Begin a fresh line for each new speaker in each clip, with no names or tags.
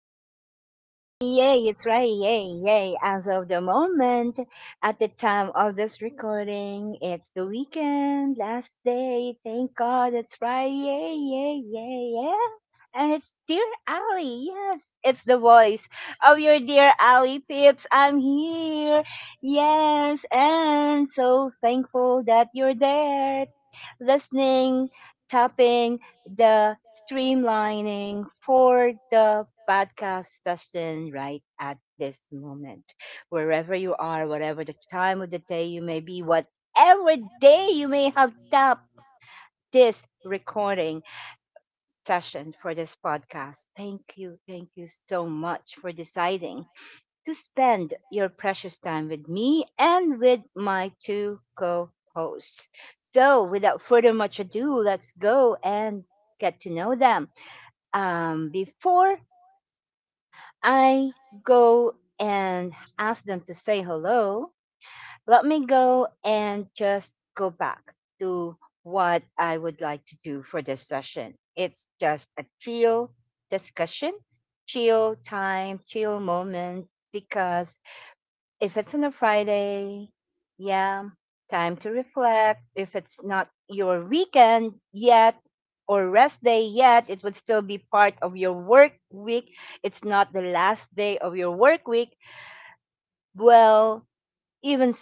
Yay, yay, yay. It's right, yay, yay. As of the moment, at the time of this recording, it's the weekend, last day. Thank God it's right, yay, yay, yay, yeah. And it's Dear Ali. Yes, it's the voice of your dear Ali Pips. I'm here. Yes, and so thankful that you're there listening, tapping the streamlining for the podcast session right at this moment. Wherever you are, whatever the time of the day you may be, whatever day you may have tapped this recording session for this podcast. Thank you. Thank you so much for deciding to spend your precious time with me and with my two co hosts. So, without further much ado, let's go and get to know them. Before I go and ask them to say hello, let me go and just go back to what I would like to do for this session. It's just a chill discussion, chill time, chill moment, because if it's on a Friday, yeah, time to reflect. If it's not your weekend yet or rest day yet, it would still be part of your work week. It's not the last day of your work week. Well, even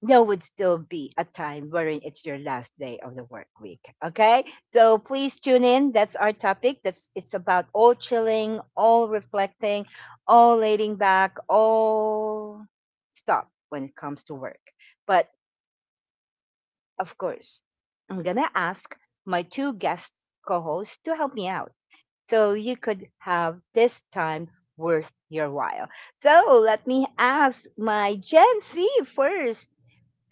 there would still be a time wherein it's your last day of the work week. Okay, so please tune in. That's our topic. That's it's about all chilling, all reflecting, all laying back, all stop when it comes to work. But of course, I'm gonna ask my two guest co-hosts to help me out, so you could have this time worth your while. So let me ask my Gen Z first.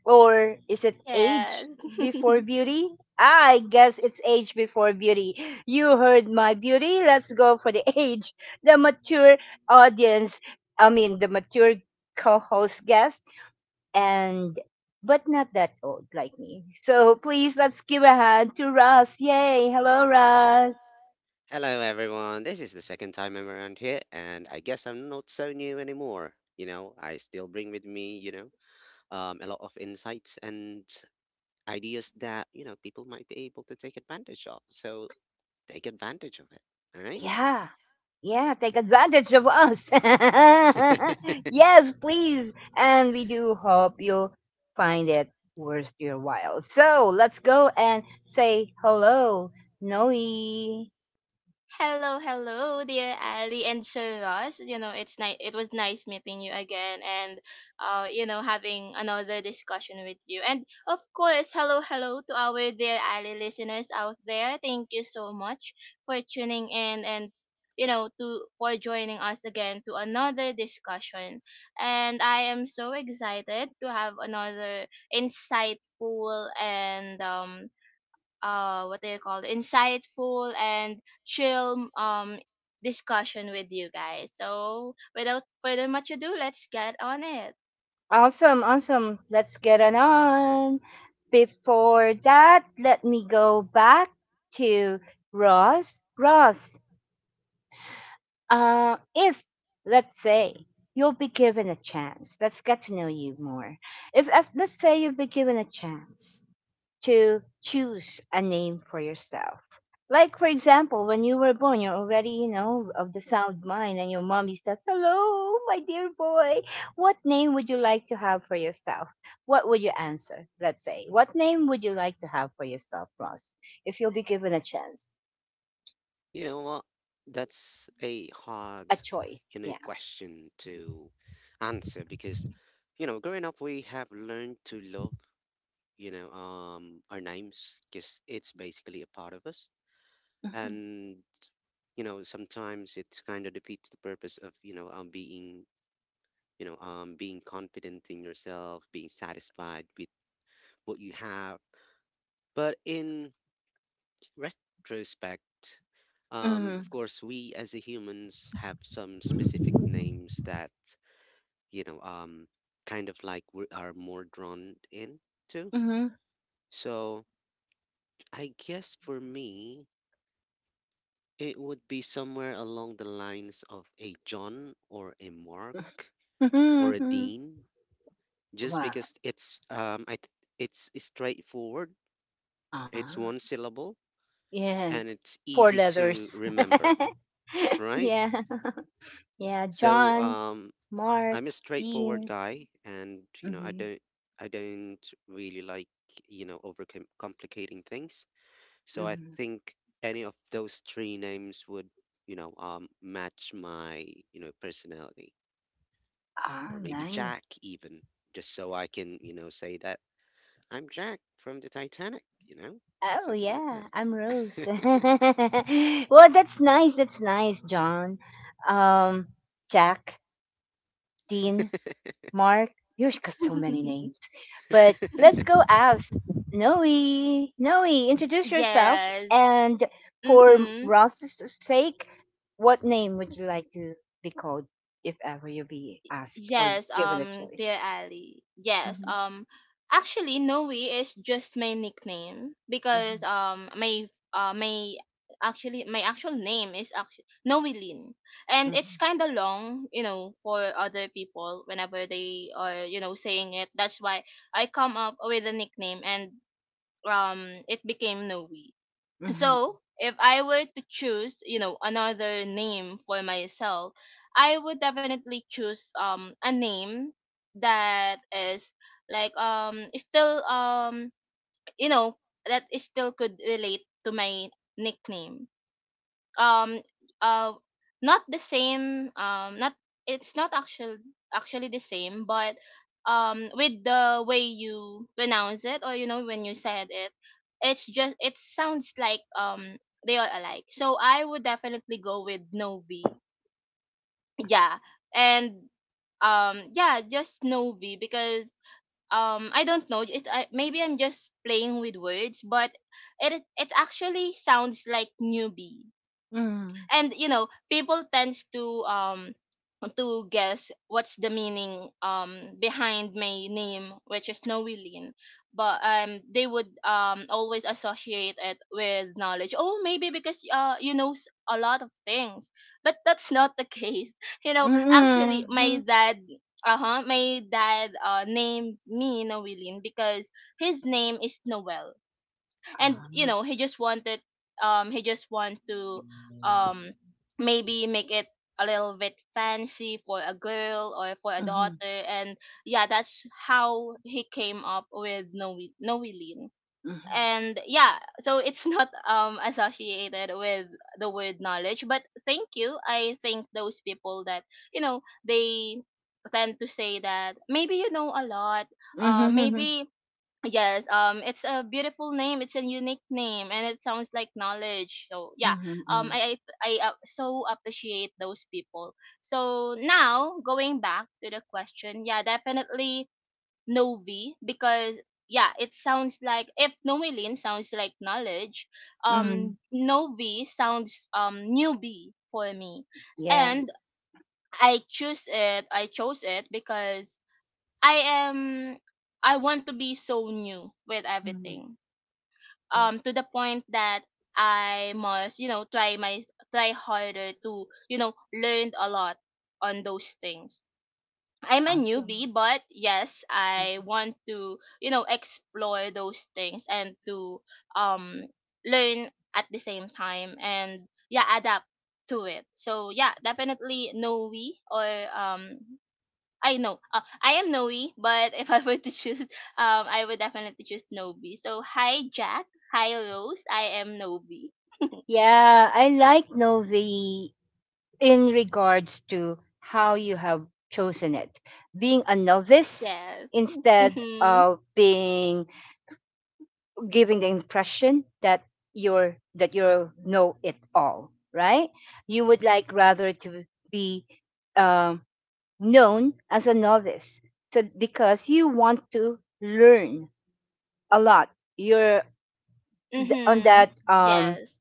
Or is it age
Yes.
before beauty? I guess it's age before beauty. You heard my beauty. Let's go for the age. The mature audience, I mean, the mature co host guest, and but not that old like me. So please let's give a hand to Russ. Yay. Hello, Russ.
Hello, everyone. This is the second time I'm around here, and I guess I'm not so new anymore. I still bring with me, a lot of insights and ideas that, people might be able to take advantage of. So take advantage of it. All right.
Yeah. Yeah, take advantage of us. yes, please. And we do hope you find it worth your while. So let's go and say hello, Noe.
Hello, hello, dear Ali and Sir Ross. You know, it's nice. It was nice meeting you again, and having another discussion with you. And of course, hello, hello to our dear Ali listeners out there. Thank you so much for tuning in and you know to for joining us again to another discussion, and I am so excited to have another insightful and what do you call it, insightful and chill discussion with you guys. So without further much ado, let's get on it.
Awesome, awesome. Let's get it on. Before that, let me go back to Ross. Ross, If let's say, you'll be given a chance, let's get to know you more. If, as, let's say, you'll be given a chance to choose a name for yourself. Like, for example, when you were born, you're already, you know, of the sound mind, and your mommy says, Hello, my dear boy, what name would you like to have for yourself? What would you answer, let's say? What name would you like to have for yourself, Ross, if you'll be given a chance,
You know what? That's a
a
hard,
choice?
you
Yeah.
know, question to answer because, growing up, we have learned to love our names because it's basically a part of us. And, sometimes it kind of defeats the purpose of, being, being confident in yourself, being satisfied with what you have. But in retrospect,
Mm-hmm.
of course, we as a humans have some specific names that, you know, um, kind of like we are more drawn in to.
Mm-hmm.
So I guess for me, it would be somewhere along the lines of a John or a Mark
Mhm,
or a
mhm.
Dean, just
Wow.
because it's straightforward,
Ah,
it's one syllable,
yes.
and it's
Four
easy
letters.
to remember, right?
yeah. Yeah.
So
John, Mark,
I'm a
Dean.
straightforward guy, and I
Hmm.
don't I don't really like overcom complicating things. So I
Hmm.
think any of those three names would match my personality.
Ah,
Or maybe
nice.
Jack even, just so I can, say that I'm Jack from the Titanic,
Oh,
something like
yeah. I'm Rose.
that.
well, that's nice. That's nice, John. Um, Jack, Dean. Mark. You've got so many names. But let's go ask Noe. Noe, introduce yourself.
Yes.
And for
Mm-hmm.
Ross's sake, what name would you like to be called if ever you be asked or
Yes,
given a choice?
dear Ali. Yes,
Mhm,
actually, Noe is just my nickname because
mhm,
my actual name is actually Noe Lin, and it's kind of long, for other people whenever they are saying it. That's why I come up with a nickname, and it became Noe.
mhm,
So if I were to choose, another name for myself, I would definitely choose a name that is like still you know that is still could relate to my nickname. um uh Not the same, not, it's not actually the same, but with the way you pronounce it, or when you said it, it's just it sounds like they are alike. So I would definitely go with Novi. Yeah. And yeah, just Novi because I don't know, maybe I'm just playing with words, but it actually sounds like newbie.
mhm,
And you know people tends to guess what's the meaning behind my name, which is Noeline. But they would always associate it with knowledge. Oh, maybe because a lot of things, but that's not the case. You know,
mhm, mhm,
actually my
mhm,
dad uh-huh my dad named me Noeline because his name is Noel. And you
um,
know he just want to um maybe make it a little bit fancy for a girl or for a daughter,
mhm,
and yeah, that's how he came up with Noeline.
mhm,
And yeah, so it's not associated with the word knowledge, but thank you. I think those people that, you know, they tend to say that maybe you know a lot.
mhm,
Maybe Yes, it's a beautiful name. It's a unique name, and it sounds like knowledge. So yeah,
mhm,
um,
mhm,
I I so appreciate those people. So now going back to the question, yeah, definitely Novi, because yeah, it sounds like if Noelin sounds like knowledge,
mhm.
Novi sounds newbie for me. And
Yes.
I choose it. I chose it because I am I want to be so new with
Mhm,
everything.
Yes.
To the point that I must, you know, try my try harder to, you know, learn a lot on those things. I'm a
Awesome.
newbie, but yes, I want to, you know, explore those things, and to um learn at the same time, and yeah, adapt to it. So yeah, definitely Noe. Or I know. I am Noe, but if I were to choose, I would definitely choose Novi. So hi Jack, hi Rose. I am Novi.
Yeah, I like Novi in regards to how you have chosen it. Being a novice
Yes.
instead
Mhm.
of being giving the impression that you're that you know it all, right? You would like rather to be um, known as a novice, so because you want to learn a lot. You're on
Mhm.
that
Yes.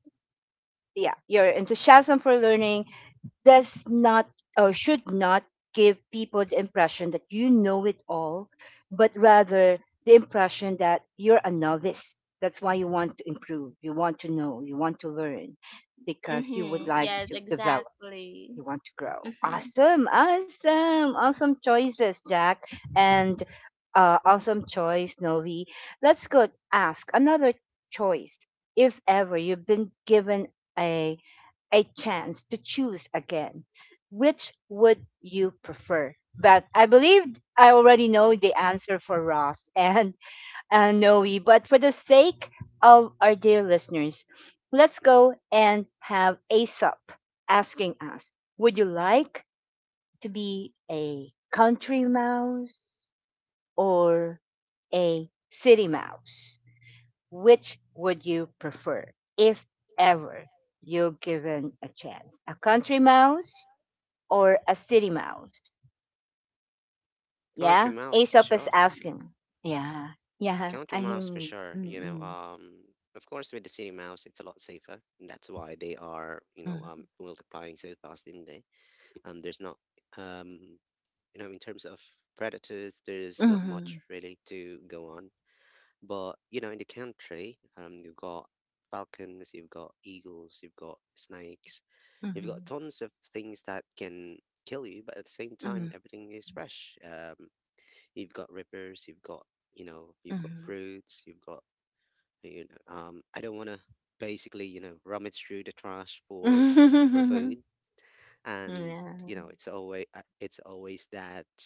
yeah, your enthusiasm for learning does not or should not give people the impression that you know it all, but rather the impression that you're a novice. That's why you want to improve, you want to know, you want to learn because you would
Mhm.
like
Yes.
to develop,
Exactly.
you want to grow.
Mhm.
Awesome, awesome, awesome choices, Jack, and awesome choice, Novi. Let's go ask another choice. If ever you've been given a a chance to choose again, which would you prefer? But I believe I already know the answer for Ross and Noe. But for the sake of our dear listeners, let's go and have Aesop asking us. Would you like to be a country mouse or a city mouse? Which would you prefer if ever you're given a chance? A country mouse or a city mouse? Yeah?
Country mouse for
Aesop is
sure.
asking. Yeah. Yeah. I
Country mouse
mm,
for sure.
mm, mm,
Of course with the city mouse, it's a lot safer, and that's why they are,
mm,
multiplying so fast in there. There's not, um, in terms of predators,
mm,
there's not
mm,
much really to go on. But in the country, you've got falcons, you've got eagles, you've got snakes, you've got tons of things that can kill you, but at the same
mm.
time, everything is fresh. You've got rivers, you've got
Mm.
fruits, you've got you know. I don't want to basically rummage through the trash for food, and
yeah.
you know it's always it's always that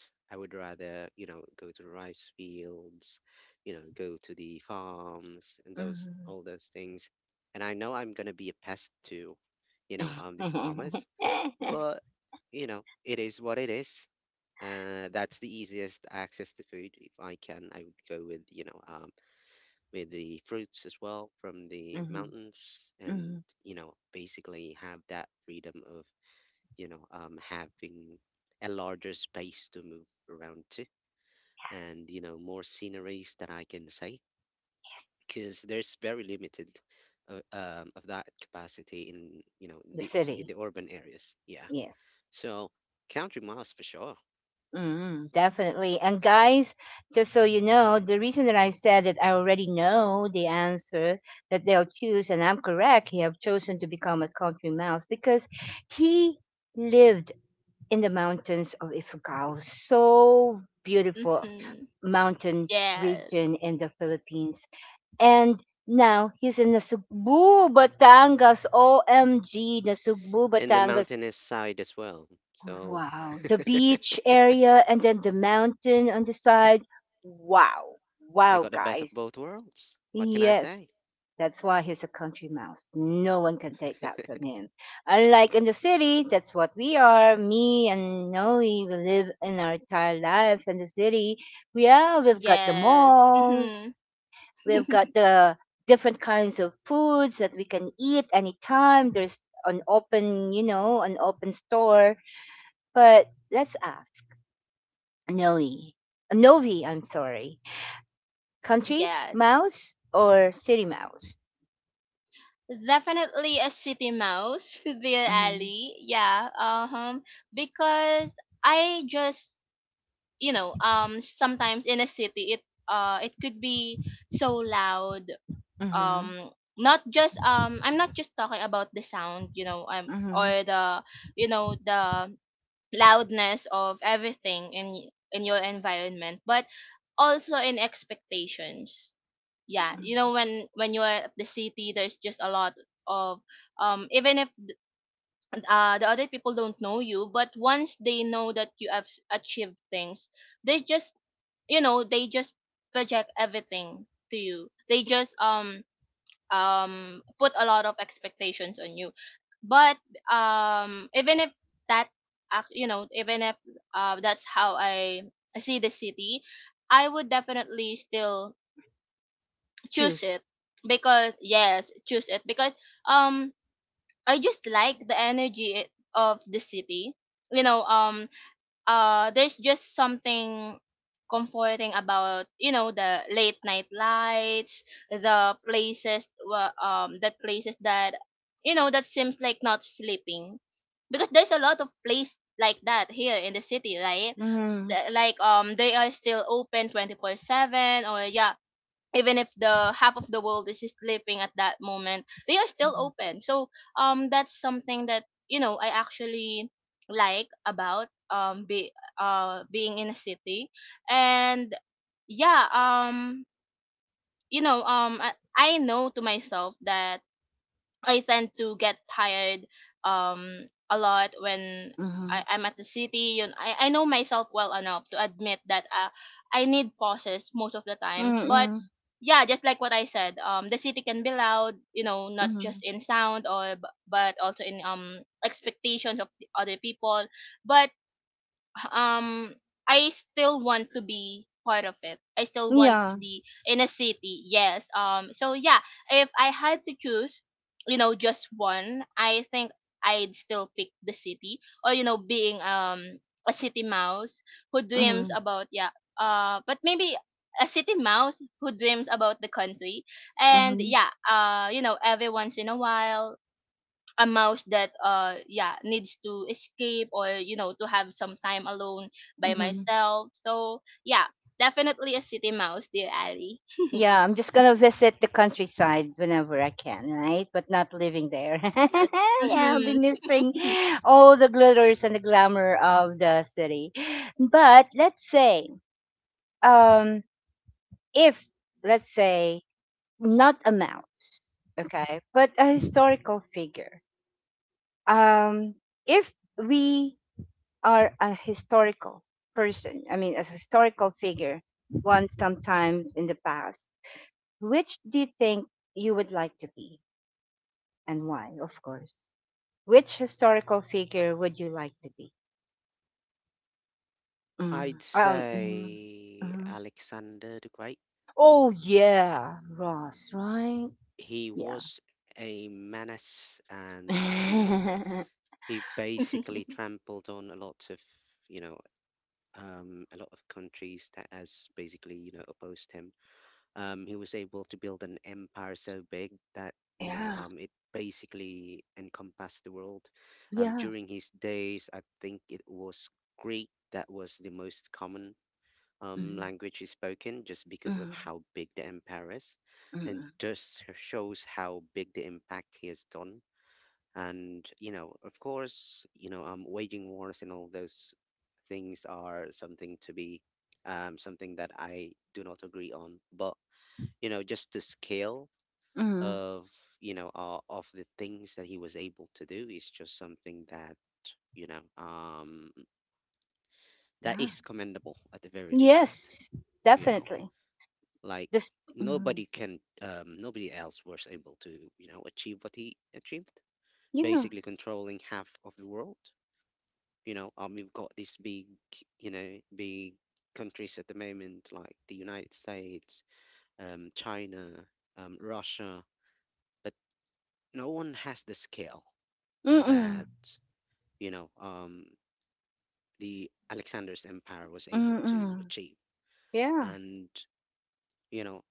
I would rather go to the rice fields, go to the farms and those
Mm.
all those things, and I know I'm gonna be a pest to, the farmers, but it is what it is. That's the easiest access to food. If I can, I would go with with the fruits as well from the
Mhm,
mountains,
mhm.
and basically have that freedom of having a larger space to move around to and, more sceneries that I can say
Yes.
because there's very limited of that capacity in,
The
in
city.
the urban areas. Yeah.
Yes.
So country miles for sure.
Mm, definitely. And guys, just so you know, the reason that I said that I already know the answer that they'll choose, and I'm correct, he have chosen to become a country mouse because he lived in the mountains of Ifugao, so beautiful
Mhm.
mountain
Yes.
region in the Philippines. And now he's in Nasugbu, Batangas. OMG, Nasugbu,
And the
Batangas.
mountainous side as well. So
Wow. The beach area and then the mountain on the side. Wow.
I
Wow,
got the best
guys.
of both worlds. What can I
Yes.
say?
That's why he's a country mouse. No one can take that from him. Unlike in the city, that's what we are. Me and Noe, we live in our entire life in the city. Yeah, we've got the
Yes.
malls.
Mhm.
We've got the different kinds of foods that we can eat anytime. There's an open, an open store, but let's ask Noe. Novi, I'm sorry. Country
Yes.
mouse or city mouse?
Definitely a city mouse, dear
Mm-hmm.
Ali. Yeah. Uh huh. Because I just you know sometimes in a city, it could be so loud.
Mm-hmm.
um Not just I'm not just talking about the sound, you know,
Mm-hmm.
or the, you know, the loudness of everything in your environment, but also in expectations. Yeah, you know, when you're at the city, there's just a lot of even if the other people don't know you, but once they know that you have achieved things, they just, you know, they just project everything to you. They just put a lot of expectations on you. But even if that you know, even if that's how I see the city, I would definitely still choose
Choose.
it, because yes, choose it because um I just like the energy of the city. You know, there's just something comforting about, you know, the late night lights, the places, that places that, you know, that seems like not sleeping, because there's a lot of place like that here in the city, right?
Mm-hmm.
They are still open 24/7, or yeah, even if the half of the world is sleeping at that moment, they are still open. So that's something that, you know, I actually like about be being in a city. And yeah, you know, I know to myself that I tend to get tired a lot when
Mm-hmm.
I'm at the city. Yun, I know myself well enough to admit that I need pauses most of the times. But
Mm-hmm.
yeah, just like what I said, the city can be loud, you know, not
Mm-hmm.
just in sound or but also in expectations of the other people. But um I still want to be part of it. I still want
Yeah.
to be in a city. Yes. So yeah, if I had to choose, you know, just one, I think I'd still pick the city, or you know being a city mouse who dreams
Mm-hmm.
about yeah, but maybe a city mouse who dreams about the country, and
Mm-hmm.
yeah, you know, every once in a while, a mouse that yeah needs to escape, or you know, to have some time alone by
Mm-hmm.
myself. So yeah, definitely a city mouse, dear Ali.
Yeah, I'm just gonna visit the countryside whenever I can, right? But not living there.
Yes.
yeah, I'll be
Mm-hmm.
missing all the glitters and the glamour of the city. But let's say, um, if let's say, not a mouse, okay, but a historical figure. um if we are a historical person, I mean, a historical figure once sometime in the past, which do you think you would like to be, and why? Of course, which historical figure would you like to be? Mm,
I'd
mhm,
say
mhm.
Alexander the Great.
Oh yeah, Ross, right.
He
Yeah.
was a menace, and he basically trampled on a lot of you know a lot of countries that has basically opposed him. He was able to build an empire so big that
yeah,
it basically encompassed the world.
yeah.
During his days I think it was Greek that was the most common
Mhm,
language is spoken, just because of
mhm.
how big the empire is. And
Hmm.
just shows how big the impact he has done. And of course, waging wars and all those things are something to be, something that I do not agree on. But just the scale
Hmm.
of of the things that he was able to do is just something that you know um that
Yeah.
is commendable at the very least.
Yes,
you know
definitely.
like
This Mhm,
nobody can, nobody else was able to achieve what he achieved,
yeah.
basically controlling half of the world. We've got these big you know big countries at the moment like the United States, China, Russia, but no one has the scale
Mm-mm,
that you know um the Alexander's empire was able to
mm-mm,
achieve.
yeah.
And you know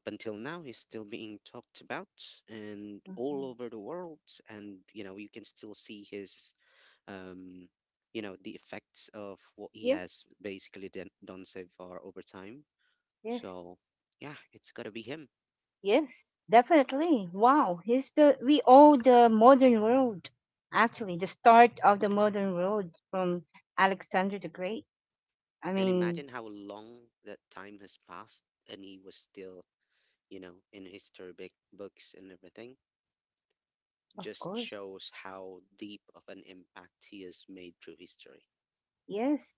up until now is still being talked about and
Mhm.
all over the world. And you can still see his um the effects of what
Yeah,
he has basically done so far over time.
yes.
So yeah, it's got to be him.
Yes, definitely. Wow, he's the we owe the modern world, actually the start of the modern world, from Alexander the Great. I
And
mean,
imagine how long that time has passed and he was still in history big books and everything.
of
Just
course.
shows how deep of an impact he has made through history.
Yes.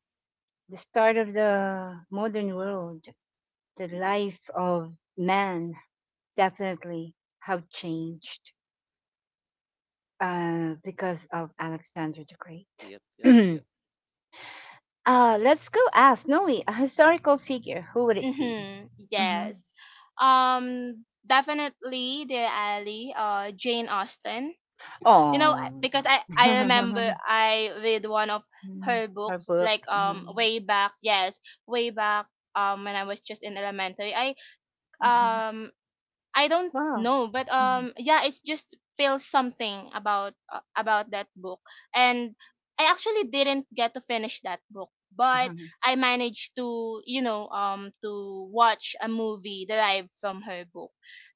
The start of the modern world, the
Hmm.
life of man definitely have changed because of Alexander the Great.
Yep, yep, yep.
Let's go ask Noe, a historical figure. Who would it be?
Mm-hmm.
Hmm.
Yes. Definitely, dear Ali. Jane Austen. You know, I-
Oh,
because i i remember I read one of her
her
books
book.
like
Mm-hmm.
way back. Yes, way back, when I was just in elementary. Um I don't
Wow.
know, but
Mhm.
yeah, it just feels something about that book. And I actually didn't get to finish that book, but
Uh-huh.
I managed to, you know, to watch a movie derived from her book,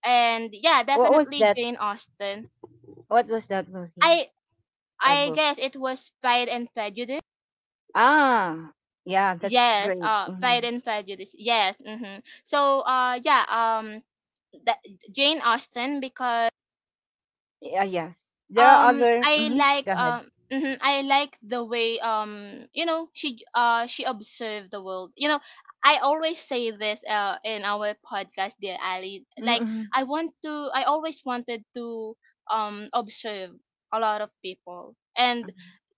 and yeah,
What was
definitely
that?
Jane Austen.
What was that movie
I
or
I
book?
guess it was Pride and Prejudice.
Ah, yeah, that's
Yes,
great. Hmm.
Pride and Prejudice. Yes, mm-hmm. So yeah, that Jane Austen because
Yeah, yes. There are other.
I
Hmm.
like
Go ahead.
I like the way, you know, she she observed the world. You know, I always say this in our podcast, dear Ali. Like,
Mm-hmm.
I always wanted to observe a lot of people, and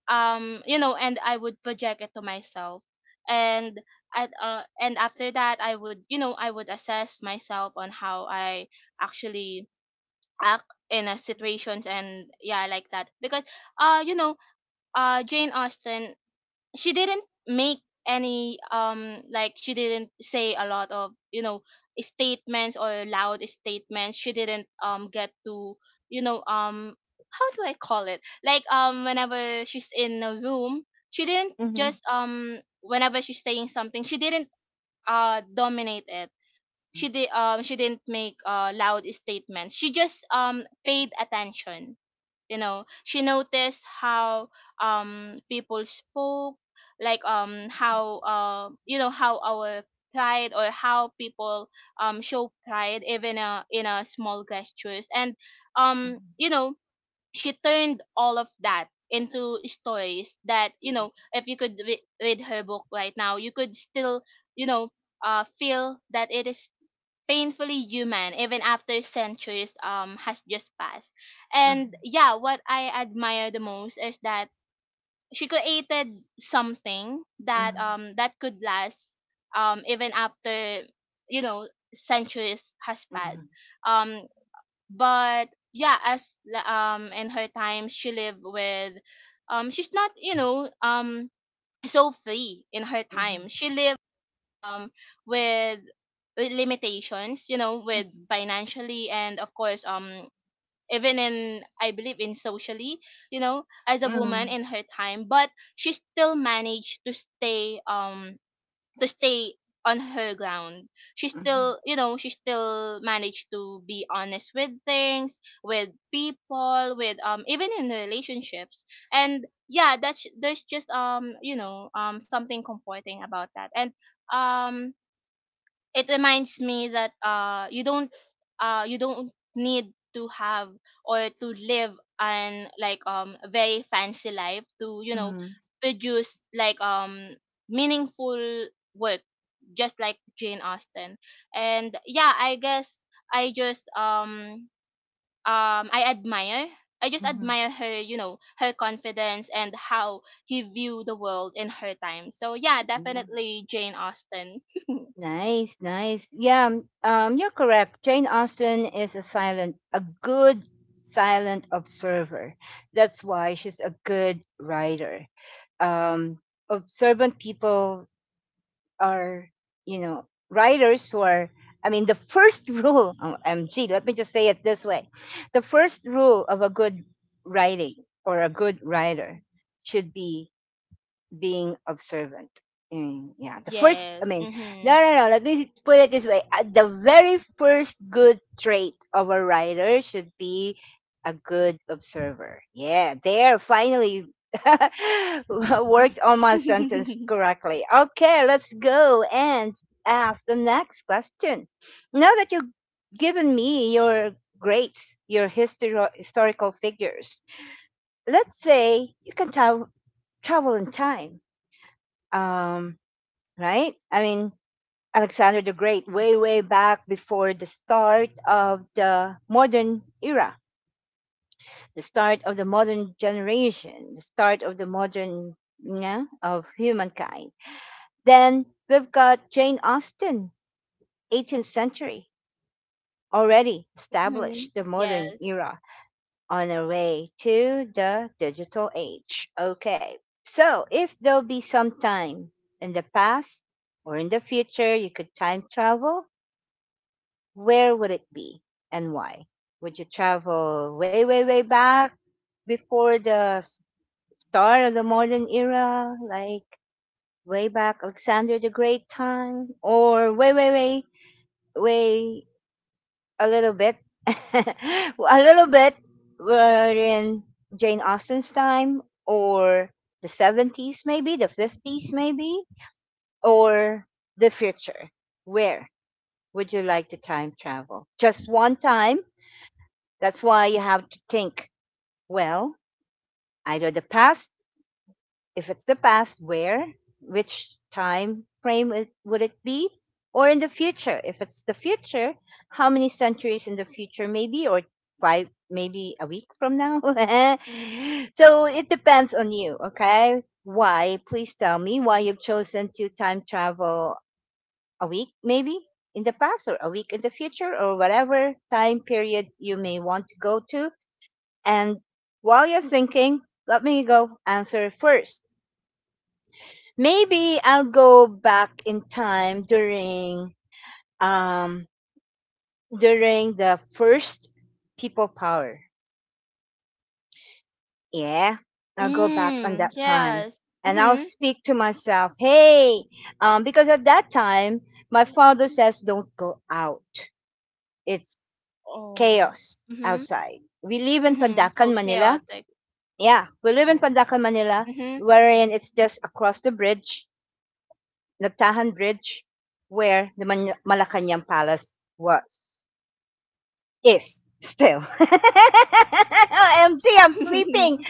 you know, and I would project it to myself, and at and after that, I would, you know, I would assess myself on how I actually act in a situations. And yeah, like that because uh you know Jane Austen, she didn't make any like she didn't say a lot of, you know, statements or loud statements. She didn't get to you know how do I call it like whenever she's in a room, she didn't
Hmm.
just whenever she's saying something, she didn't dominate it. She didn't make loud statements. She just paid attention. You know, she noticed how, people spoke, like how, you know, how our pride or how people show pride, even in a small gestures. And you know, she turned all of that into stories that, you know, if you could read her book right now, you could still, you know, feel that it is painfully human even after centuries has just passed. And
Hmm.
yeah, what I admire the most is that she created something that,
Mhm,
that could last, even after, you know, centuries has
mhm,
passed. Um but yeah, in her time, she lived with, she's not, you know, so free. In her
mhm,
time, she lived um with limitations, you know, with
mhm,
financially and of course, even in, I believe in socially, you know, as a woman
mhm,
in her time, but she still managed to stay on her ground. She
mhm,
still, you know, she still managed to be honest with things, with people, with even in relationships. And yeah, that's there's just you know, something comforting about that. And um it reminds me that you don't need to have or to live an like a very fancy life to, you know,
mhm,
produce like meaningful work, just like Jane Austen. And yeah, I guess I just um um I admire I just
mhm.
admire her, you know, her confidence and how he viewed the world in her time. So yeah,
Yeah.
definitely Jane Austen.
Nice, nice. Yeah, you're correct. Jane Austen is a silent, a good silent observer. That's why she's a good writer. Um, observant people are, you know, writers who are, I mean, the first rule, oh, MG, let me just say it this way: the first rule of a good writing or a good writer should be being observant. Mm, yeah, the first, I
Yes.
mean, no,
Mhm.
no, no, let me put it this way. The very first good trait of a writer should be a good observer. Yeah, there, finally worked on my sentence correctly. Okay, let's go and ask the next question. Now that you've given me your greats, your historical figures, let's say you can travel in time, um, right? I mean, Alexander the Great, way, way back before the start of the modern era, the start of the modern generation, the start of the modern, of humankind. Then we've got Jane Austen, 18th century, already established
Mhm.
the modern
Yes.
era on our way to the digital age. Okay, so if there'll be some time in the past or in the future you could time travel, where would it be and why? Would you travel way, way, way back before the start of the modern era, like way back Alexander the Great time, or way, way, way, way a little bit, a little bit were in Jane Austen's time, or the 70s, maybe the 50s, maybe, or the future. Where would you like to time travel? Just one time. That's why you have to think well, either the past. If it's the past, where, which time frame it, would it be? Or in the future, if it's the future, how many centuries in the future, maybe, or five, maybe a week from now? so it depends on you, okay? Why? Please tell me why you've chosen to time travel a week, maybe in the past, or a week in the future, or whatever time period you may want to go to. And while you're thinking, let me go answer first. Maybe I'll go back in time during um during the first people power. Yeah. I'll go back on
Mm,
that time
yes.
and I'll
Mm-hmm.
speak to myself, "Hey, because at that time my father says don't go out. It's
Oh.
chaos
Mm-hmm.
outside. We live in
Mm-hmm.
Pandacan,
So
Manila.
chaotic.
Yeah, we live in
Oh.
Pandacan, Manila,
Mm-hmm.
wherein it's just across the bridge Nagtahan Bridge, where the Malacanang Palace was, is still. OMG, I'm sleeping.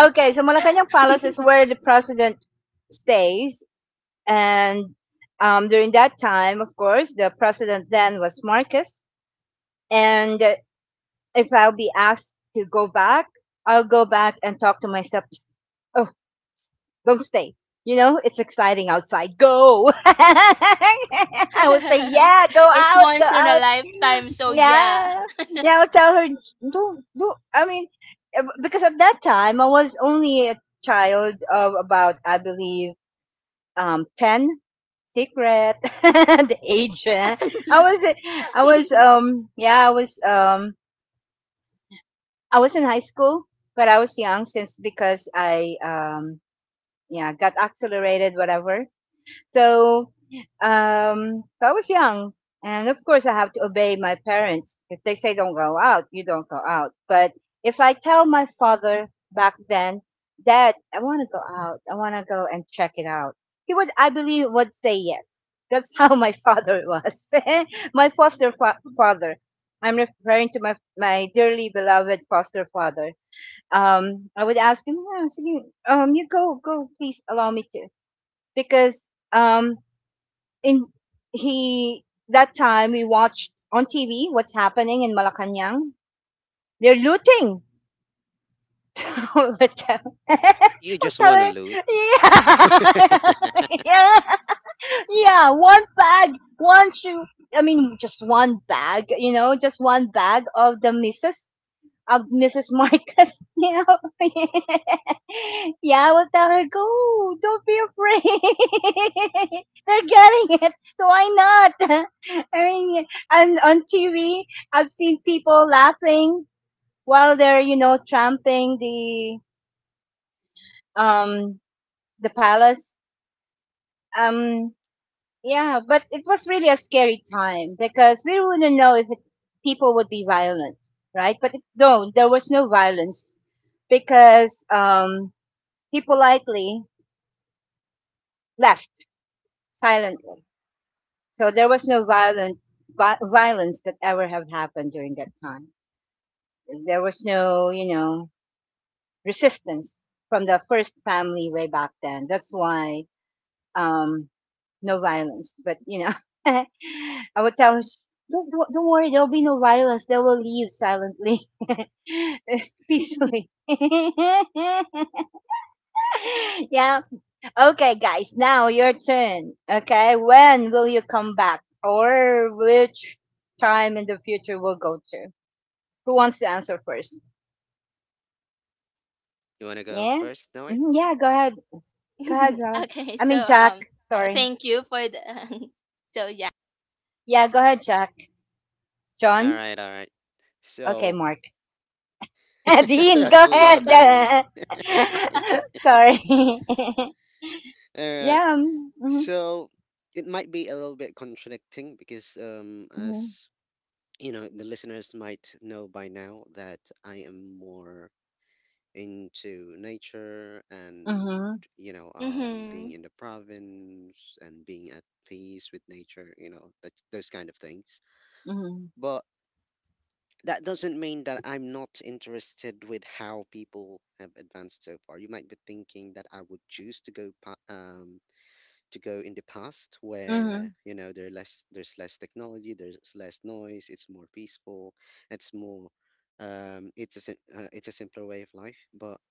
Okay, so Malacanang Palace is where the president stays. And during that time, of course, the president then was Marcos. And if I'll be asked to go back, I'll go back and talk to myself. Oh, don't stay. It's exciting outside. Go. I would say, yeah, go
It's
out, go
once in a
out.
lifetime, so yeah.
Yeah. Yeah, I'll tell her, don't. I mean, because at that time, I was only a child of about, I believe, 10, secret, the age. Eh. I was, eh, I was, yeah, I was in high school, but I was young since because I, yeah, got accelerated, whatever. So, so I was young. And of course, I have to obey my parents. If they say don't go out, you don't go out. But if I tell my father back then, Dad, I want to go out. I want to go and check it out. He would, I believe, would say yes. That's how my father was. my foster father. I'm referring to my, dearly beloved foster father. I would ask him, "Yeah, sige, you go, go, please allow me to. Because, in he that time we watched on TV what's happening in Malacanang. They're looting. we'll tell,
You
we'll
just
tell
want to
her,
loot.
yeah, yeah, yeah, one bag, one shoe. I mean, just one bag, just one bag of the missus of Mrs. Marcus you know, yeah, I will tell her, go, don't be afraid. They're getting it. So why not? I mean, and on TV, I've seen people laughing while they're, tramping um, the palace. Um, yeah, but it was really a scary time because we wouldn't know if people would be violent, right? No, there was no violence because, He politely left silently. So there was no violence that ever have happened during that time. There was no, resistance from the first family way back then. That's why um, no violence. But I would tell him, don't worry, there'll be no violence. They will leave silently, peacefully. yeah. Okay, guys, now your turn. Okay, when will you come back, or which time in the future we'll go to? Who wants to answer first?
You want to go
Yeah,
first, Noe?
yeah. Go ahead. Go ahead, Ross.
okay,
I
so
mean Jack.
um I
Sorry.
thank you for the so yeah.
Yeah, go ahead, Jack.
All
John.
right, all right.
Okay,
So
Mark. Dean. Go
that's a lot of names.
ahead. sorry.
All right.
yeah.
So it might be a little bit contradicting because,
Mm-hmm.
as the listeners might know by now that I am more into nature and,
Mm-hmm.
Mhm.
being in the province and being at peace with nature, that, those kind of things.
Mm-hmm.
But that doesn't mean that I'm not interested with how people have advanced so far. You might be thinking that I would choose to to go in the past
Mm-hmm.
where there's less technology, there's less noise, it's more peaceful, it's more it's a simpler way of life. But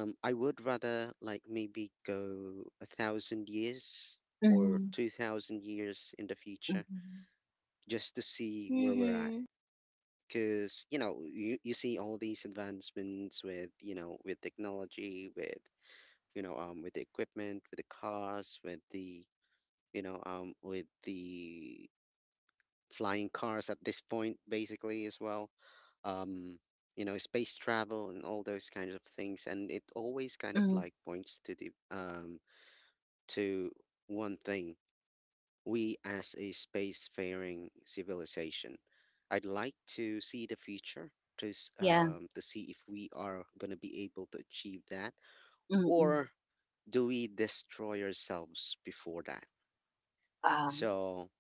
I would rather like maybe go 1,000 years
Mm-hmm.
or
Mm-hmm.
2,000 years in the future,
Mm-hmm.
just to see where we're at,
Mhm.
because you see all these advancements with with technology, with with the equipment, with the cars, with the with the flying cars at this point basically as well, um space travel and all those kinds of things. And it always kind of
Mm-hmm.
like points to the to one thing: we as a spacefaring civilization. I'd like to see the future to
Yeah.
to see if we are gonna be able to achieve that,
Mm-hmm.
or do we destroy ourselves before that? So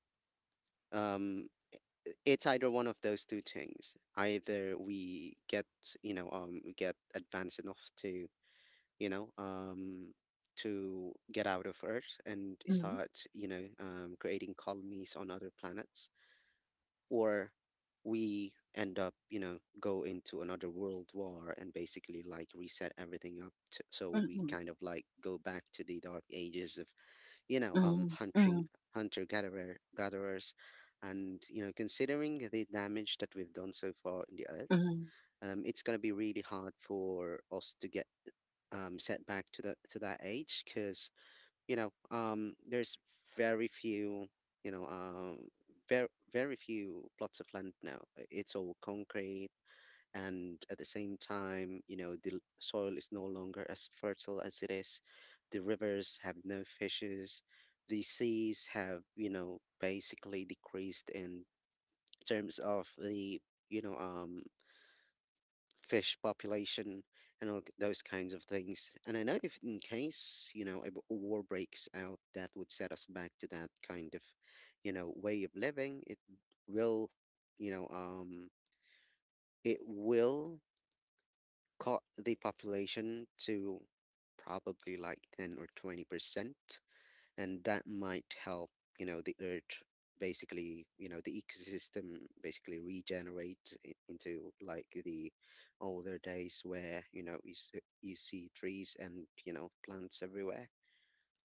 um, it's either one of those two things. Either we get we get advanced enough to you know um, to get out of Earth and
Um.
start creating colonies on other planets, or we end up go into another world war and basically like reset everything up to, so we
Mhm,
kind of like go back to the dark ages of
mhm,
hunting
mhm,
hunter gatherer gatherers. And considering the damage that we've done so far in the earth,
mhm,
it's going to be really hard for us to get set back to that age because there's very few, you know, um, very few plots of land now. It's all concrete, and at the same time, the soil is no longer as fertile as it is. The rivers have no fishes. The seas have, basically decreased in terms of the, you know, um, fish population and all those kinds of things. And I know if in case, a war breaks out, that would set us back to that kind of, way of living. It will, you know, um, it will cut the population to probably like 10 or 20%, and that might help the earth basically the ecosystem basically regenerate into like the older days where you see trees and plants everywhere.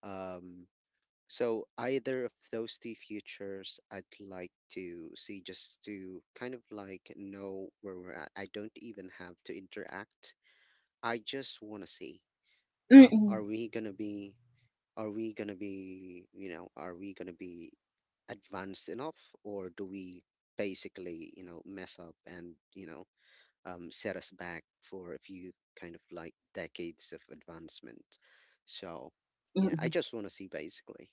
um so either of those two futures I'd like to see, just to kind of like know where we're at. I don't even have to interact. I just want to see, um are
mhm,
we gonna be are we going to be, are we going to be advanced enough, or do we basically, mess up and, set us back for a few kind of like decades of advancement? So, yeah, I
mhm.
just want to see basically.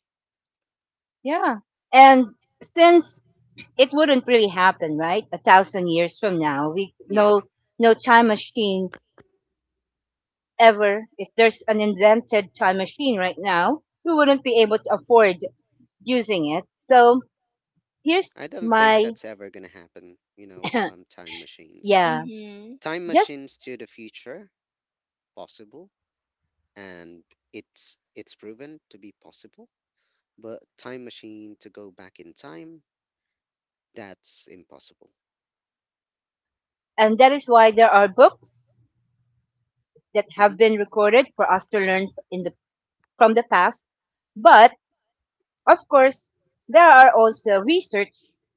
Yeah. And since it wouldn't really happen, right? A thousand years from now, we
Yeah,
no time machine ever. If there's an invented time machine right now, we wouldn't be able to afford using it. So here's
I don't think
my
that's ever going to happen, time machines.
yeah.
Mhm.
Time
Just
machines to the future, possible, and it's proven to be possible, but time machine to go back in time, that's impossible.
and that is why there are books that have
Mm-hmm.
been recorded for us to learn in the from the past. But of course, there are also research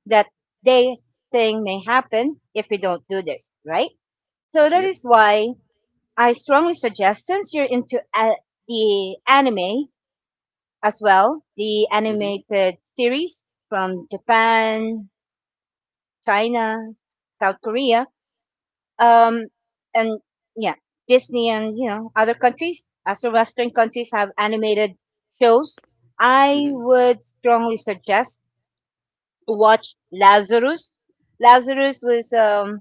that they think may happen if we don't do this, right? So that
Yep.
is why I strongly suggest since you're into the anime as well, the
Mm-hmm.
animated series from Japan, China, South Korea, um, and yeah, Disney and other countries, as the Western countries have animated shows. I
Mm-hmm.
would strongly suggest watch Lazarus. Lazarus was um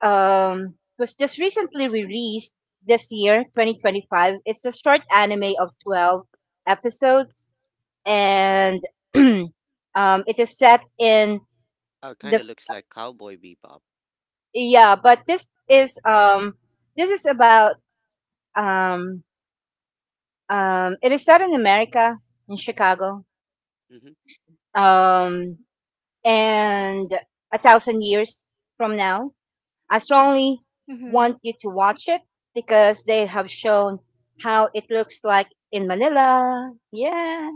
um was just recently released this year, 2025. It's a short anime of 12 episodes, and um it is set in
Oh, kind
the
of looks like Cowboy Bebop.
yeah, but this is about um it is set in America in Chicago
Mm-hmm.
um and a thousand years from now. I strongly want
Mhm.
you to watch it because they have shown how it looks like in Manila. Yeah.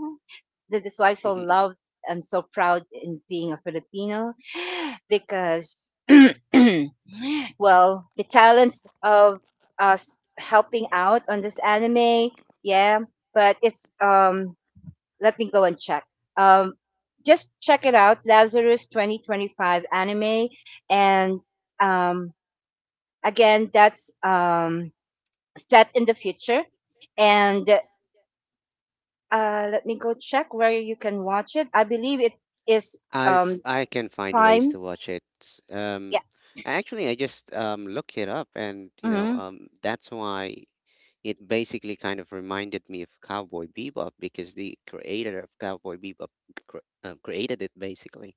That is why I so loved and so proud in being a Filipino because well, the talents of us helping out on this anime, yeah, but it's let me go and check. Um just check it out, Lazarus 2025 anime and um again, that's set in the future. And let me go check where you can watch it. I believe it is um,
I can find ways
Prime.
to watch it.
Yeah.
Um, actually, I just look it up, and
hmm
that's why it basically kind of reminded me of Cowboy Bebop, because the creator of Cowboy Bebop cr- created it basically.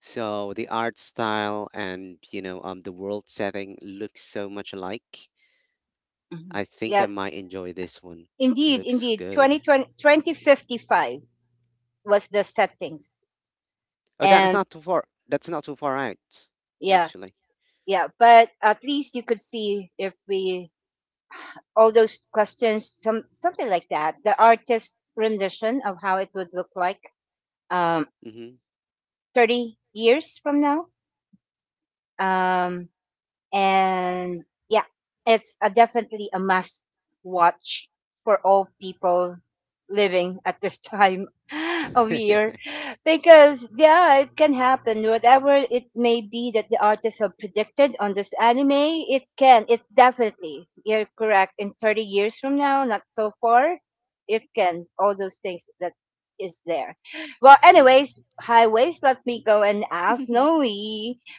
So the art style and the world setting looks so much alike.
hmm
I think I
Yeah.
might enjoy this one.
Indeed,
Looks
indeed. Twenty
good.
twenty 2055 was the settings.
Oh, that's
And
not too far. That's not too far out,
yeah,
actually.
yeah. But at least you could see if we, all those questions, some, something like that, the artist's rendition of how it would look like um,
Mhm.
30 years from now. Um, and yeah, it's a, definitely a must watch for all people living at this time of year
Mhm.
because yeah it can happen whatever it may be that the artists have predicted on this anime it can it definitely you're correct in 30 years from now not so far it can all those things that is there. Well anyways highways let me go and ask Noe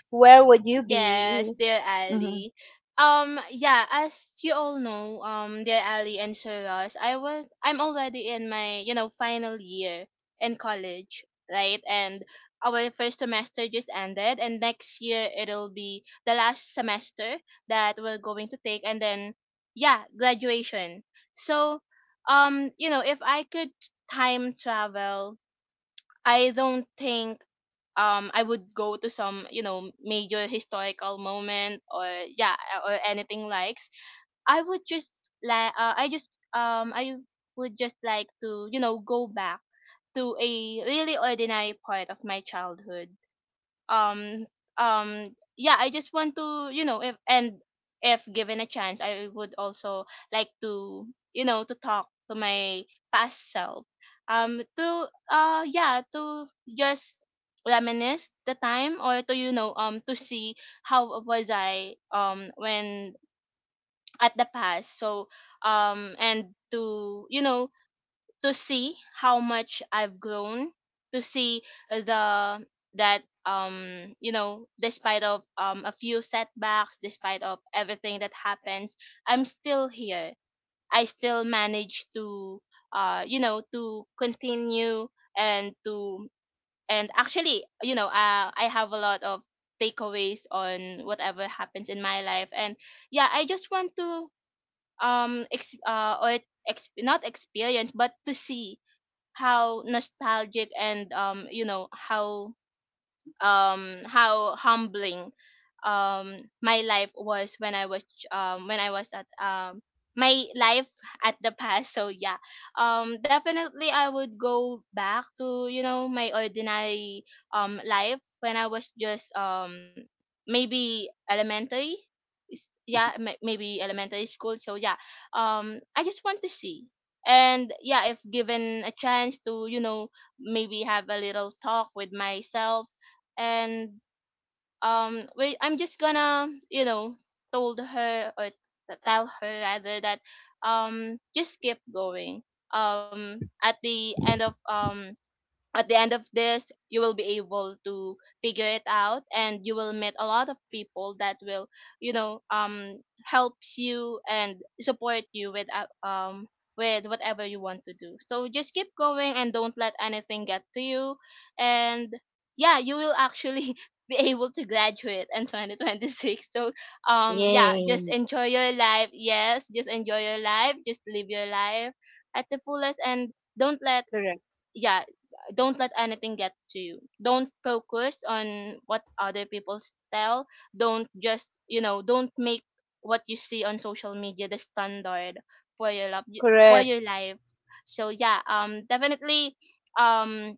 where would you
Yes,
be.
dear
Mm-hmm.
Ali. Yeah, as you all know, dear Ali and Saras, I'm already in my you know final year in college, right? And our first semester just ended, and next year it'll be the last semester that we're going to take, and then yeah, graduation. So, you know, if I could time travel, I don't think I would go to some you know major historical moment or yeah or anything likes I would just like I would just like to you know go back to a really ordinary part of my childhood. um yeah, I just want to you know if and if given a chance I would also like to you know to talk to my past self, to yeah to just reminisce the time or to you know to see how was I when at the past. So and to you know to see how much I've grown, to see the that you know despite of a few setbacks, despite of everything that happens, I'm still here. I still manage to you know to continue and to and actually you know I have a lot of takeaways on whatever happens in my life. And yeah I just want to um ex- uh or not experience but to see how nostalgic and you know how humbling my life was when when I was at my life at the past. So yeah, definitely I would go back to you know my ordinary life when I was just maybe elementary yeah maybe elementary school. So yeah I just want to see. And yeah if given a chance to you know maybe have a little talk with myself and well, I'm just gonna you know told her or tell her rather that just keep going, um at the end of um at the end of this you will be able to figure it out and you will meet a lot of people that will you know helps you and support you with whatever you want to do. So just keep going and don't let anything get to you. And yeah you will actually be able to graduate in 2026. So yeah just
Yay.
enjoy your life, yes just enjoy your life, just live your life at the fullest. And don't let
Correct.
yeah don't let anything get to you, don't focus on what other people tell, don't just you know don't make what you see on social media the standard for your love for
Correct.
your life. So yeah definitely um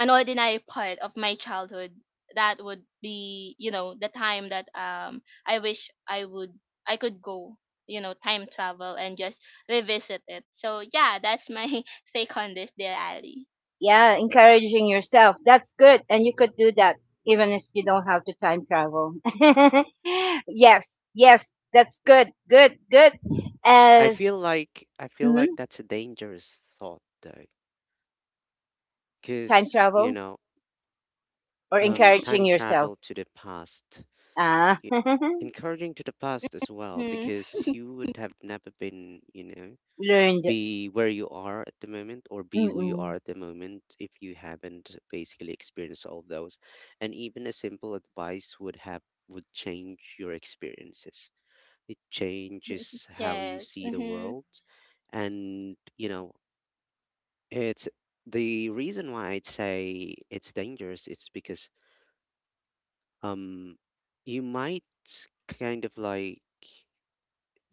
an ordinary part of my childhood, that would be you know the time that I wish I would I could go you know time travel and just revisit it. So yeah that's my take on this dear ali.
Yeah, encouraging yourself. That's good. And you could do that even if you don't have to time travel. yes. Yes. That's good. Good. Good.
I
As
feel like I feel
mhm,
like that's a dangerous thought though,
time
because
travel or
time
encouraging yourself.
travel to the past,
Ah,
y- encouraging to the past as well,
Mm.
because you would have never been.
learned.
Be where you are at the moment, or be who you are
Mm-mm.
at the moment, if you haven't basically experienced all of those. And even a simple advice would change your experiences. It changes how
Yes.
you see the
Mm-hmm.
world. And it's the reason why I'd say it's dangerous. It's because um you might kind of like,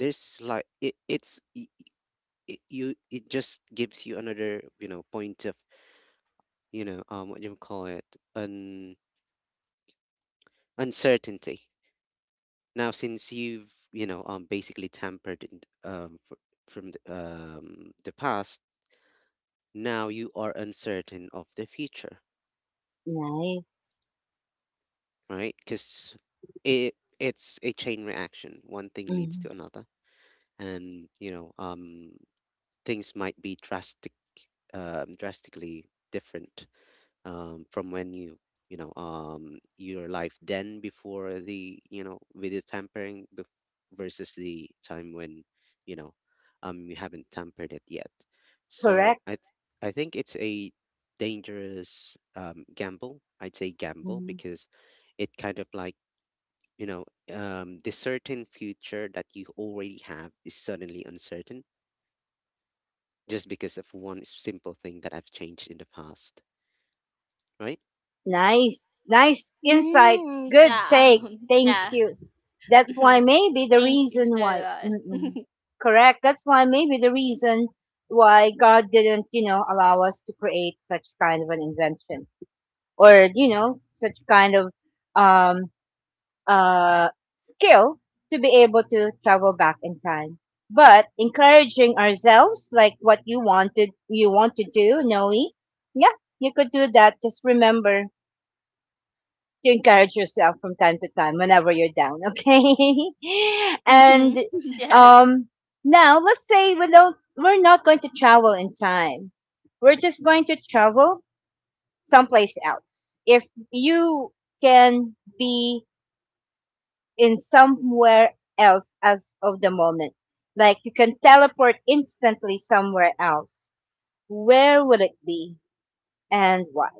there's like it, it's y- y- you it just gives you another, point of, what do you call it, un uncertainty. Now, since you've, basically tampered in, fr from the past, now you are uncertain of the future,
Nice.
right? Because it's a chain reaction. One thing leads to
hmm
another, and things might be drastically different, from when your life then before the, video tampering, versus the time when you know you haven't tampered it yet. So
Correct.
I think it's a dangerous, gamble. I'd say gamble
Mm-hmm.
because it kind of like, you know the certain future that you already have is suddenly uncertain just because of one simple thing that I've changed in the past, right?
Nice. Nice insight.
Mm,
Good
yeah.
take. Thank
yeah.
you. That's
Mm-hmm.
why maybe the
Thank you so
reason why,
much.
mm-mm. Correct. That's why maybe the reason why God didn't, allow us to create such kind of an invention or, such kind of, um, uh, skill to be able to travel back in time. But encouraging ourselves, like what you wanted, you want to do, Noe, yeah, you could do that. Just remember to encourage yourself from time to time whenever you're down, okay?
Mm-hmm.
and
Yes.
um, now let's say we're not going to travel in time. We're just going to travel someplace else. If you can be in somewhere else as of the moment, like you can teleport instantly somewhere else, where would it be and why?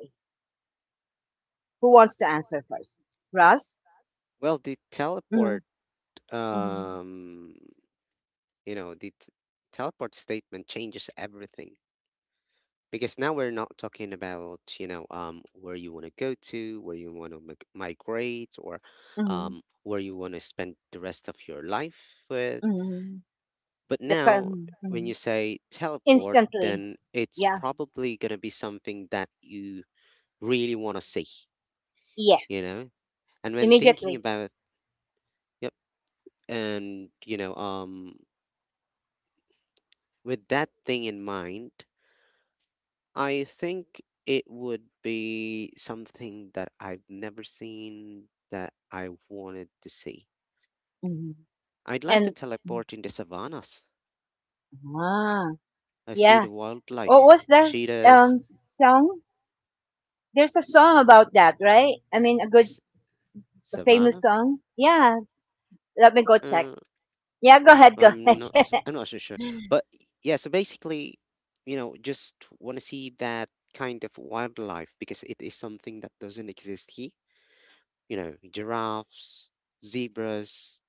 Who wants to answer first? Russ?
Well, the
Mm-hmm.
teleport
Mm-hmm.
um you know the t- teleport statement changes everything, because now we're not talking about, where you want to go to, where you want to migrate, or
Mm-hmm.
where you want to spend the rest of your life with.
Mm.
But
The
now,
phone.
when you
Mm.
say teleport,
Instantly.
then it's
Yeah.
probably going to be something that you really want to see
Yeah.
you know and when thinking
Immediately.
about, yep. And with that thing in mind, I think it would be something that I've never seen, that I wanted to see.
Mm.
I'd like to
And
teleport in the savannas.
ah,
I see
yeah.
the wildlife,
What was that
cheetahs,
um song? There's a song about that, right? I mean, a good,
s-
a famous
savanna.
song. Yeah. Let me go check.
Uh,
Yeah. Go ahead. Go ahead. mm.
I'm not so sure, but yeah. So basically, just want to see that kind of wildlife, because it is something that doesn't exist here. You know, giraffes, zebras,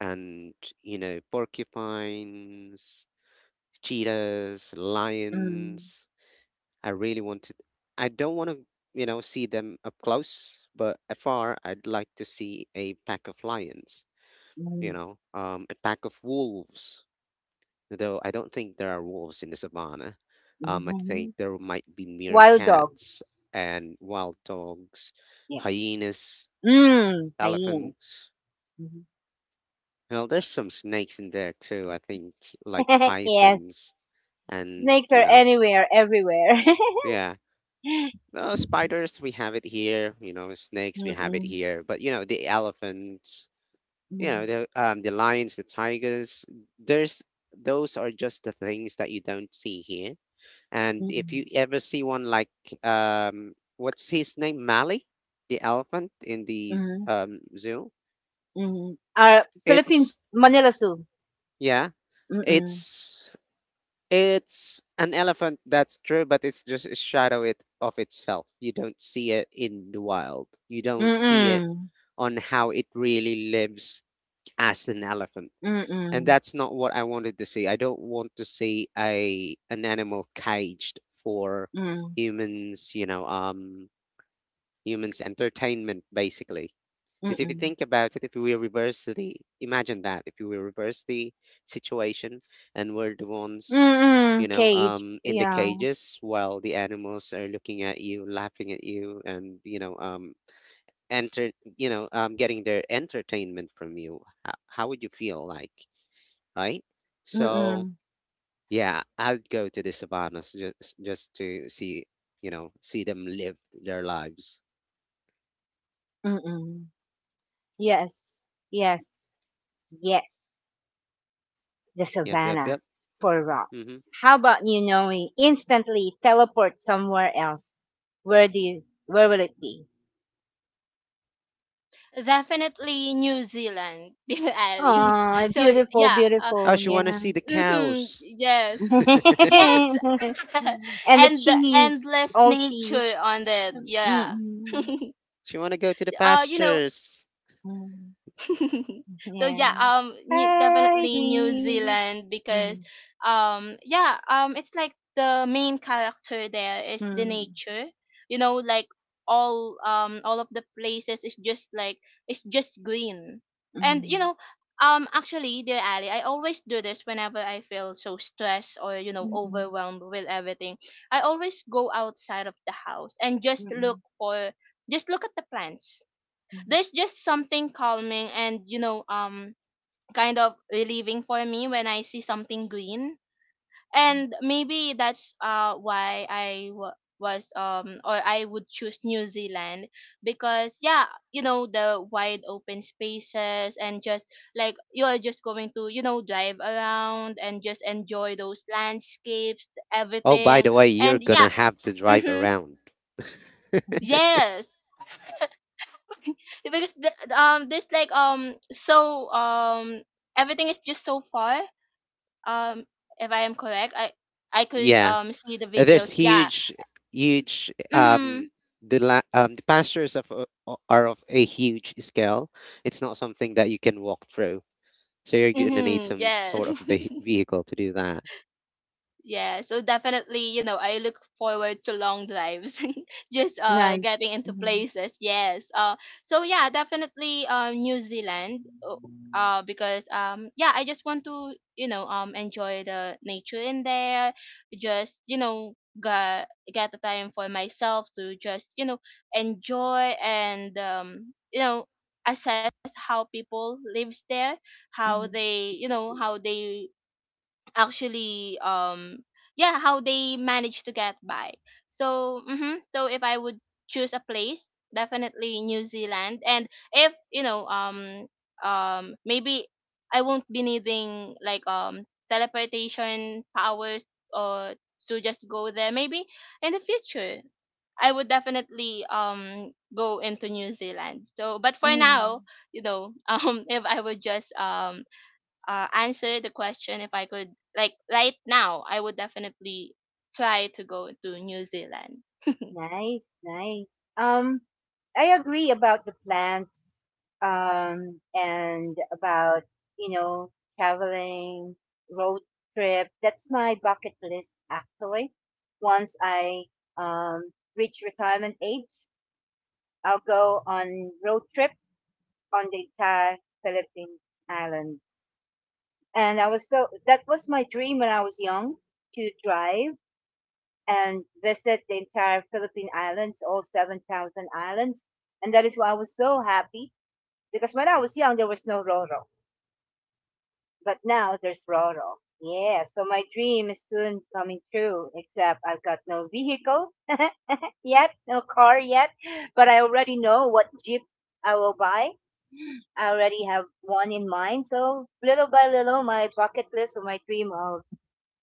and porcupines, cheetahs,
Mm.
lions. I really wanted, I don't want to see them up close, but afar I'd like to see a pack of lions, a pack of wolves, though I don't think there are wolves in the savannah. I think
Mhm.
there might be
Wild dogs.
meerkats, and wild dogs,
Yeah.
hyenas,
Mm. Hyenas.
elephants.
Mhm.
Well, there's some snakes in there too, I think. Like
yes.
pythons. And
Snakes
you
are
know
anywhere, everywhere.
yeah Well, spiders we have it here, snakes we have it
Mm-mm.
here, but the elephants,
Mm.
the lions, the tigers, there's those are just the things that you don't see here. And if
Mm,
you ever see one, like what's his name, Mali, the elephant in the
mhm,
zoo.
mhm. Ah,
It's
Philippines, Manila Zoo.
yeah
Mm,
it's it's an elephant, that's true, but it's just a shadow it of itself. You don't see it in the wild. You don't see it
mm,
on how it really lives as an elephant. And
mm,
that's not what I wanted to see. I don't want to see a an animal caged for
mm,
humans, humans entertainment basically. Because if you
mm,
think about it, if we reverse the, imagine that, if we reverse the situation, and we're the ones,
mm. Cage,
in the
yeah.
cages, while the animals are looking at you, laughing at you, and, enter, getting their entertainment from you, how would you feel like, right? So,
Mm,
yeah, I'd go to the savannas, just to see them live their lives.
mm. Yes, yes, yes. The
Yep, yep,
savannah
yep.
for
Mm-hmm.
Ross. How about you, Noe? Instantly teleport somewhere else. Where do you? Where will it be?
Definitely New Zealand, Bill Ali.
Oh,
So
beautiful,
yeah.
Oh,
beautiful.
she
Yeah.
want to see the
Mm-hmm.
cows.
Yes. Yes.
and the
And the
cheese,
endless
all cheese.
nature on it. Yeah.
Mm-mm.
She want to go to the
You know,
pastures.
Mm.
so
Yeah.
yeah definitely new
Heidi.
zealand because
Mm.
yeah it's like the main character there is the
Mm.
nature, you know like all of the places is just like it's just green. And you
Mm.
know actually dear ali I always do this whenever I feel so stressed or you know
Mm-mm.
overwhelmed with everything. I always go outside of the house and just look
Mm-mm.
for just look at the plants.
Mm.
There's just something calming and you know kind of relieving for me when I see something green. And maybe that's why I w- was or I would choose New Zealand because yeah you know the wide open spaces and just like you're just going to you know drive around and just enjoy those landscapes
Oh, by
everything.
the way, you're
And yeah
gonna have to drive
mm-hmm,
around.
yes. Because there's everything is just so far. um if I am correct I could
Yeah.
see the videos,
There's
yeah.
huge, huge.
Mhm
The pastures are of a huge scale. It's not something that you can walk through, so you're gonna need
mhm
some
yes.
sort of vehicle to do that.
Yeah, so definitely, you know, I look forward to long drives, just
Nice.
getting into
Mm-hmm.
places. Yes. So yeah, definitely New Zealand because yeah, I just want to, you know, enjoy the nature in there, just, you know, get the time for myself to just, you know, enjoy and you know, assess how people lives there, how they, you know, how they actually yeah how they manage to get by. So hmm so if I would choose a place, definitely new zealand. And if you know maybe I won't be needing like teleportation powers or to just go there, maybe in the future I would definitely go into new zealand. So but for
Mm.
now you know if I would just answer the question if I could, like right now, I would definitely try to go to New Zealand.
Nice, nice. I agree about the plants, and about, you know, traveling, road trip. That's my bucket list, actually. Once I, reach retirement age, I'll go on road trip on the entire Philippine islands. And I was so, that was my dream when I was young to drive and visit the entire Philippine Islands, all 7,000 islands. And that is why I was so happy because when I was young, there was no Roro, but now there's Roro. Yeah, so my dream is soon coming true, except I've got no vehicle yet, no car yet, but I already know what Jeep I will buy. I already have one in mind. So little by little, my bucket list or my dream of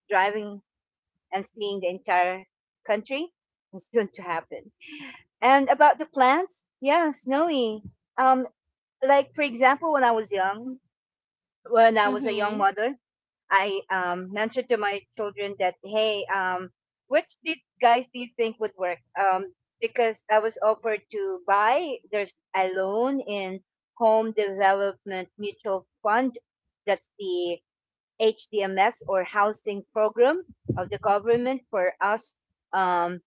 driving and seeing the entire country is soon to happen. And about the plants, yeah, snowy. Um, like for example, when I was young, when I was a young
Mm-hmm.
mother, I mentioned to my children that hey, which did guys do you think would work? Because I was offered to buy. There's a loan in Home Development Mutual Fund. That's the HDMS or housing program of the government for us. Um,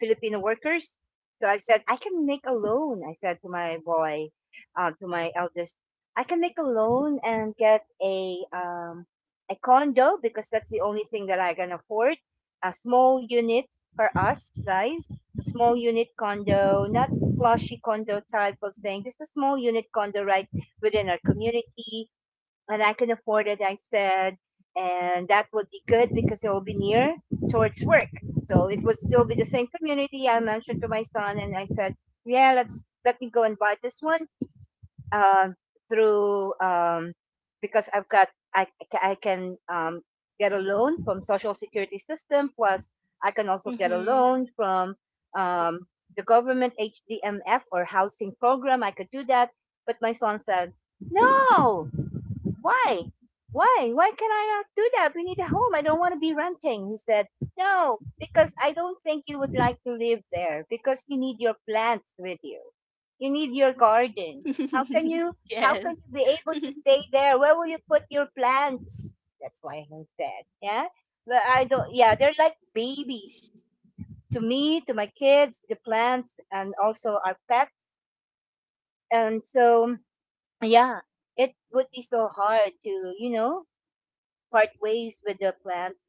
Filipino workers. So I said, I can make a loan. I said to my boy, to my eldest, I can make a loan and get a condo because that's the only thing that I can afford. A small unit for us guys, a small unit condo, not flashy condo type of thing, just a small unit condo right within our community and I can afford it, I said. And that would be good because it will be near towards work. So it would still be the same community. I mentioned to my son and I said, yeah, let me go and buy this one, um, through, because I've got, I, I can, get a loan from social security system. Plus I can also get a
Mm-hmm.
loan from, um, the government HDMF or housing program. I could do that. But my son said, no, why? Why? Why can I not do that? We need a home. I don't want to be renting. He said, no, because I don't think you would like to live there because you need your plants with you. You need your garden. How can you how can
yes.
you be able to stay there? Where will you put your plants? That's why I said, yeah. But I don't, yeah, they're like babies to me, to my kids, the plants and also our pets. And so, yeah, it would be so hard to, you know, part ways with the plants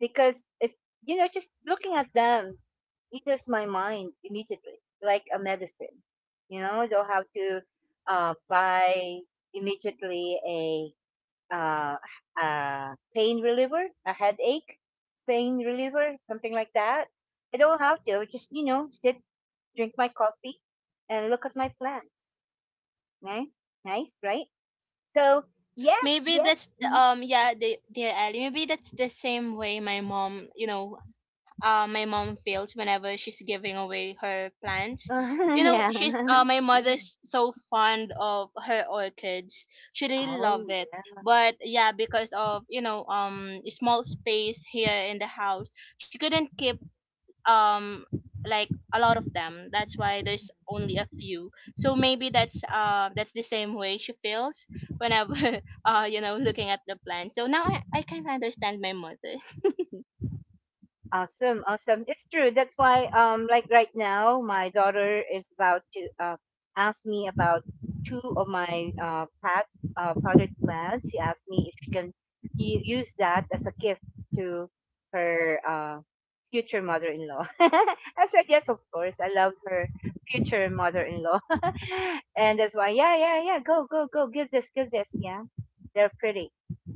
because if you know just looking at them eases my mind immediately like a medicine. I don't have to buy immediately uh, a pain reliever, a headache pain reliever, something like that. I don't have to, just sit, drink my coffee, and look at my plants, right? Nice, right? So yeah.
Maybe
Yeah.
that's
Mhm.
yeah the dear Ellie. Maybe that's the same way my mom you know my mom feels whenever she's giving away her plants. You know
Yeah.
she's my mother's so fond of her orchids. She really
Oh,
loves it. But yeah, because of you know small space here in the house, she couldn't keep um like a lot of them, that's why there's only a few. So maybe that's the same way she feels when I you know looking at the plan. So now I can understand my mother.
awesome, awesome. It's true. That's why, like right now, my daughter is about to ask me about two of my potted plants. She asked me if she can use that as a gift to her future mother-in-law. I said yes, of course. I love her future mother-in-law, and that's why, yeah, yeah, yeah. Go, go, go. Give this, give this. Yeah, they're pretty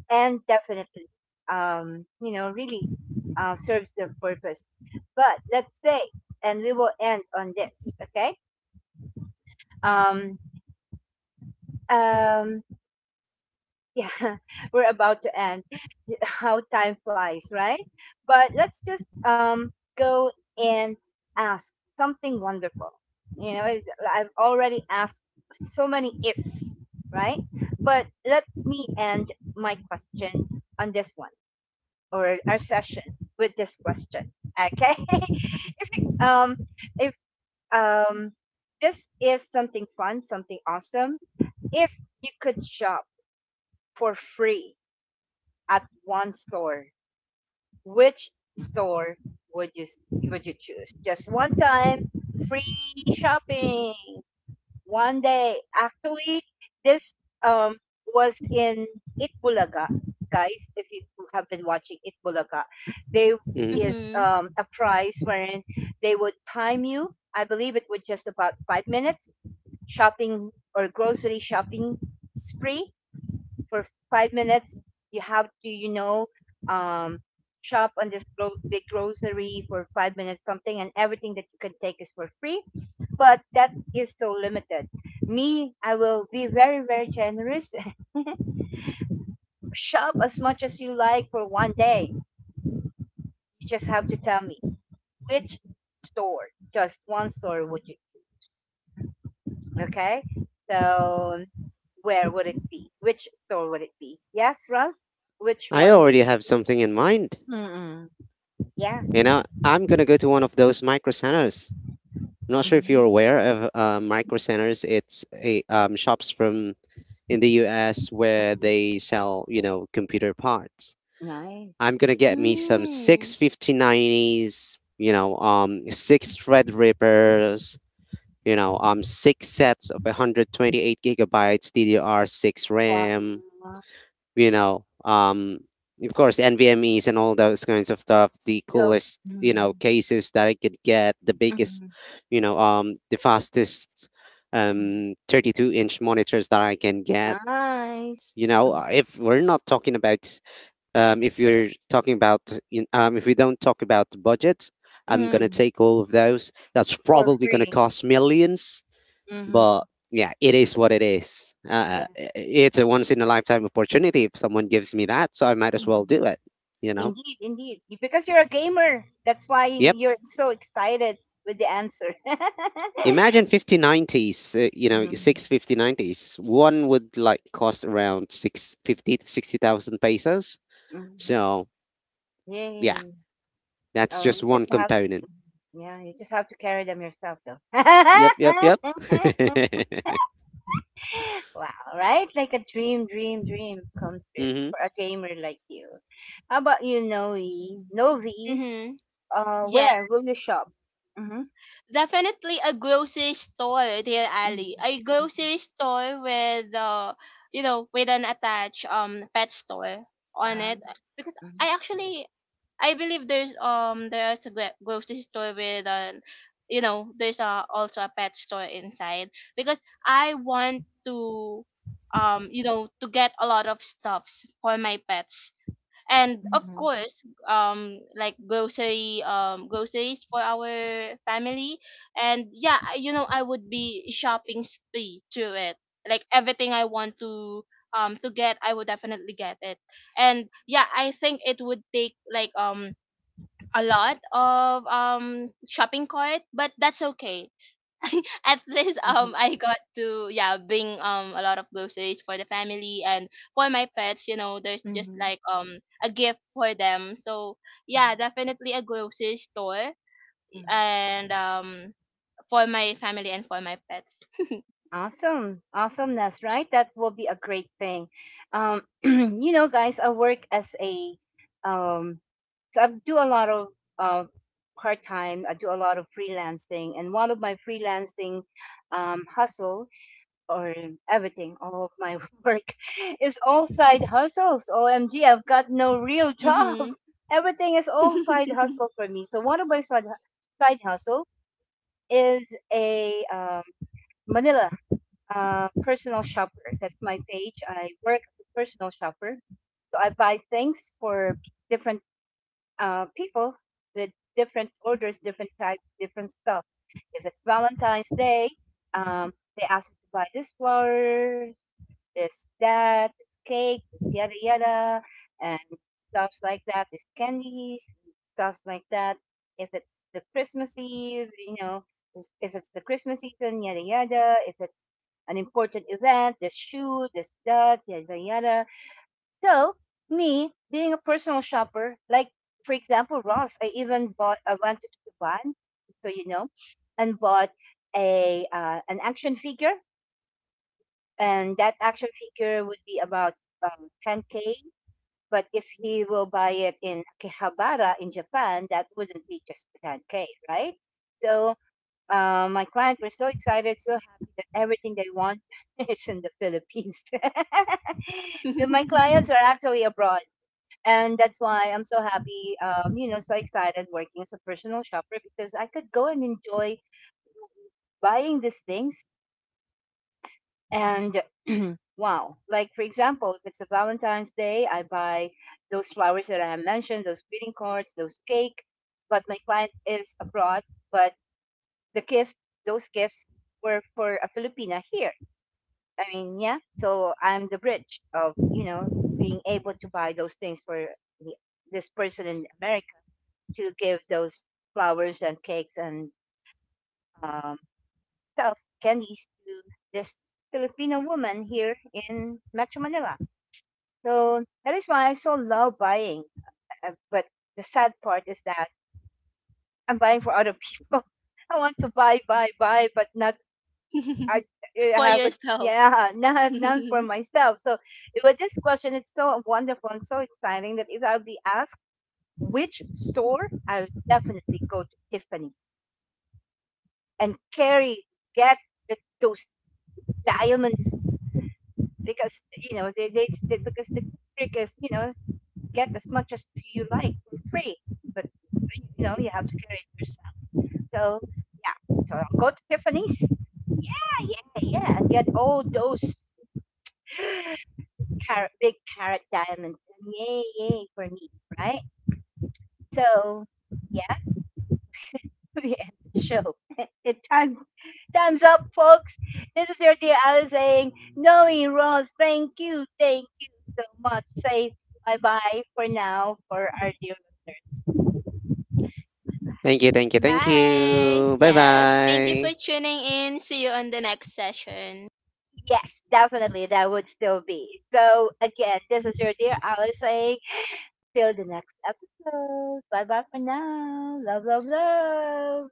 and definitely, you know, really serves their purpose. But let's say, and we will end on this, okay? um um yeah, we're about to end. How time flies, right? But let's just go and ask something wonderful, you know. I've already asked so many ifs, right? But let me end my question on this one, or our session, with this question. Okay, if you, if um this is something fun, something awesome. If you could shop for free at one store, which store would you would you choose? Just one time free shopping. One day, actually, this um was in Itbulaga, guys. If you have been watching Itbulaga, there
Mhm.
is
Mm-hmm.
a prize wherein they would time you. I believe it was just about 5 minutes shopping, or grocery shopping spree for 5 minutes. You have to, you know, um, shop on this big grocery for 5 minutes, something, and everything that you can take is for free, but that is so limited. Me, I will be very, very generous. Shop as much as you like for one day. You just have to tell me which store, just one store would you, okay? So where would it be? Which store would it be? Yes, Russ? Which
I
one would
already have
you?
something in mind.
Mm-mm. Yeah.
You know, I'm gonna go to one of those micro centers. I'm not sure if
Mm-hmm.
you're aware of micro centers. It's a shops from in the U.S. where
Mm-hmm.
they sell, you know, computer parts.
Nice.
I'm gonna get me some six
Mm.
fifty nineties, six Threadrippers, six sets of 128 gigabytes DDR6 RAM,
Wow.
you know, um, of course NVMe's and all those kinds of stuff. The
Yup.
coolest, you know,
Mm,
cases that I could get, the biggest,
mm,
the fastest,
mm.
32-inch monitors that I can get.
Nice.
You know. If we're not talking about If you're talking about, if we don't talk about the budget,
Hmm.
I'm gonna
Mm.
take all of those, that's
For
probably gonna
free.
cost millions. But
Mm-hmm.
yeah, it is what it is.
Yeah.
It's a once in a lifetime opportunity. If someone gives me that, so I might as well
Mm-mm.
do it, you know.
Indeed, indeed. Because you're a gamer. That's why
Yep.
you're so excited with the answer.
Imagine 5090s. You know,
Mm,
6 5090s one would like cost around 650 to 60,000 pesos,
mm.
so yeah,
Yay.
that's
Oh, you
just
just
one
have
component.
mm-hmm. yeah, you just have to carry them yourself though.
Yep, yep, yep.
Wow, right? Like a dream, dream, dream come true
Hmm.
for a gamer like you. How about you, Noe?
Hmm
Novi,
mm mm.
uh,
Yeah.
where will you shop? Mm-hmm.
Definitely a grocery store, dear Ali. A
Mm-hmm.
grocery store with you know, with an attached pet store on
Uh,
it, because I actually I believe there's a grocery store with an you know there's a, also a pet store inside, because I want to you know to get a lot of stuffs for my pets and of
mm-hmm.
course like grocery groceries for our family. And yeah you know I would be shopping spree through it, like everything I want to get I would definitely get it. And yeah I think it would take like a lot of shopping cart but that's okay. At least I got to yeah bring a lot of groceries for the family and for my pets, you know there's just
Mm-hmm.
like a gift for them. So yeah
Mm-hmm.
definitely a grocery store and for my family and for my pets.
Awesome. Awesome. That's right. That will be a great thing. You know, guys, I work as a, um, so I do a lot of uh, part time, I do a lot of freelancing. And one of my freelancing hustle, or everything, all of my work is all side hustles. OMG, I've got no real job.
Mhm.
Everything is all side hustle for me. So one of my side hustle is a, Manila, personal shopper. That's my page. I work as a personal shopper. So I buy things for different people, with different orders, different types, different stuff. If it's Valentine's Day, um, they ask me to buy this flower, there's that, there's cake, there's yada yada, and stuffs like that. There's candies, stuffs like that. If it's the Christmas Eve, you know, if it's the Christmas season, yada yada. If it's an important event, this shoe, this that, yada yada. So me being a personal shopper, like for example, Ross, I even bought. I went to Japan, so you know, and bought a an action figure, and that action figure would be about 10K. But if he will buy it in Akihabara in Japan, that wouldn't be just 10K, right? So my client were so excited, so happy that everything they want is in the Philippines. So my clients are actually abroad, and that's why I'm so happy, you know, so excited working as a personal shopper, because I could go and enjoy buying these things. And wow, like for example, if it's a Valentine's Day, I buy those flowers that I have mentioned, those greeting cards, those cake. But my client is abroad, but the gift, those gifts were for a Filipina here. I mean, yeah. So I'm the bridge of, you know, being able to buy those things for the, this person in America, to give those flowers and cakes and um, stuff candies to this Filipino woman here in Metro Manila. So that is why I still love buying. But the sad part is that I'm buying for other people. I want to buy, buy, buy, but not I, I
For
haven't.
yourself.
Yeah, not, not for myself. So with this question, it's so wonderful and so exciting that if I'll be asked which store, I'll definitely go to Tiffany's and carry get those diamonds, because you know they, because the trick is, you know, get as much as you like for free, but you know you have to carry it yourself. So yeah, so go to Tiffany's. Yeah, yeah, yeah, and get all those carrot, big carrot diamonds. And yay, yay for me, right? So yeah, the end of the show. It time Time's up, folks. This is your dear Alice saying, Knowing Ross, thank you so much. Say bye bye for now for our dear listeners.
Thank you, thank you, thank
Bye.
you. Bye
Yes. Thank you for
bye.
tuning in. See you on the next session.
Yes, definitely. That would still be. So, again, this is your dear Alice saying, till the next episode. Bye bye for now. Love, love, love.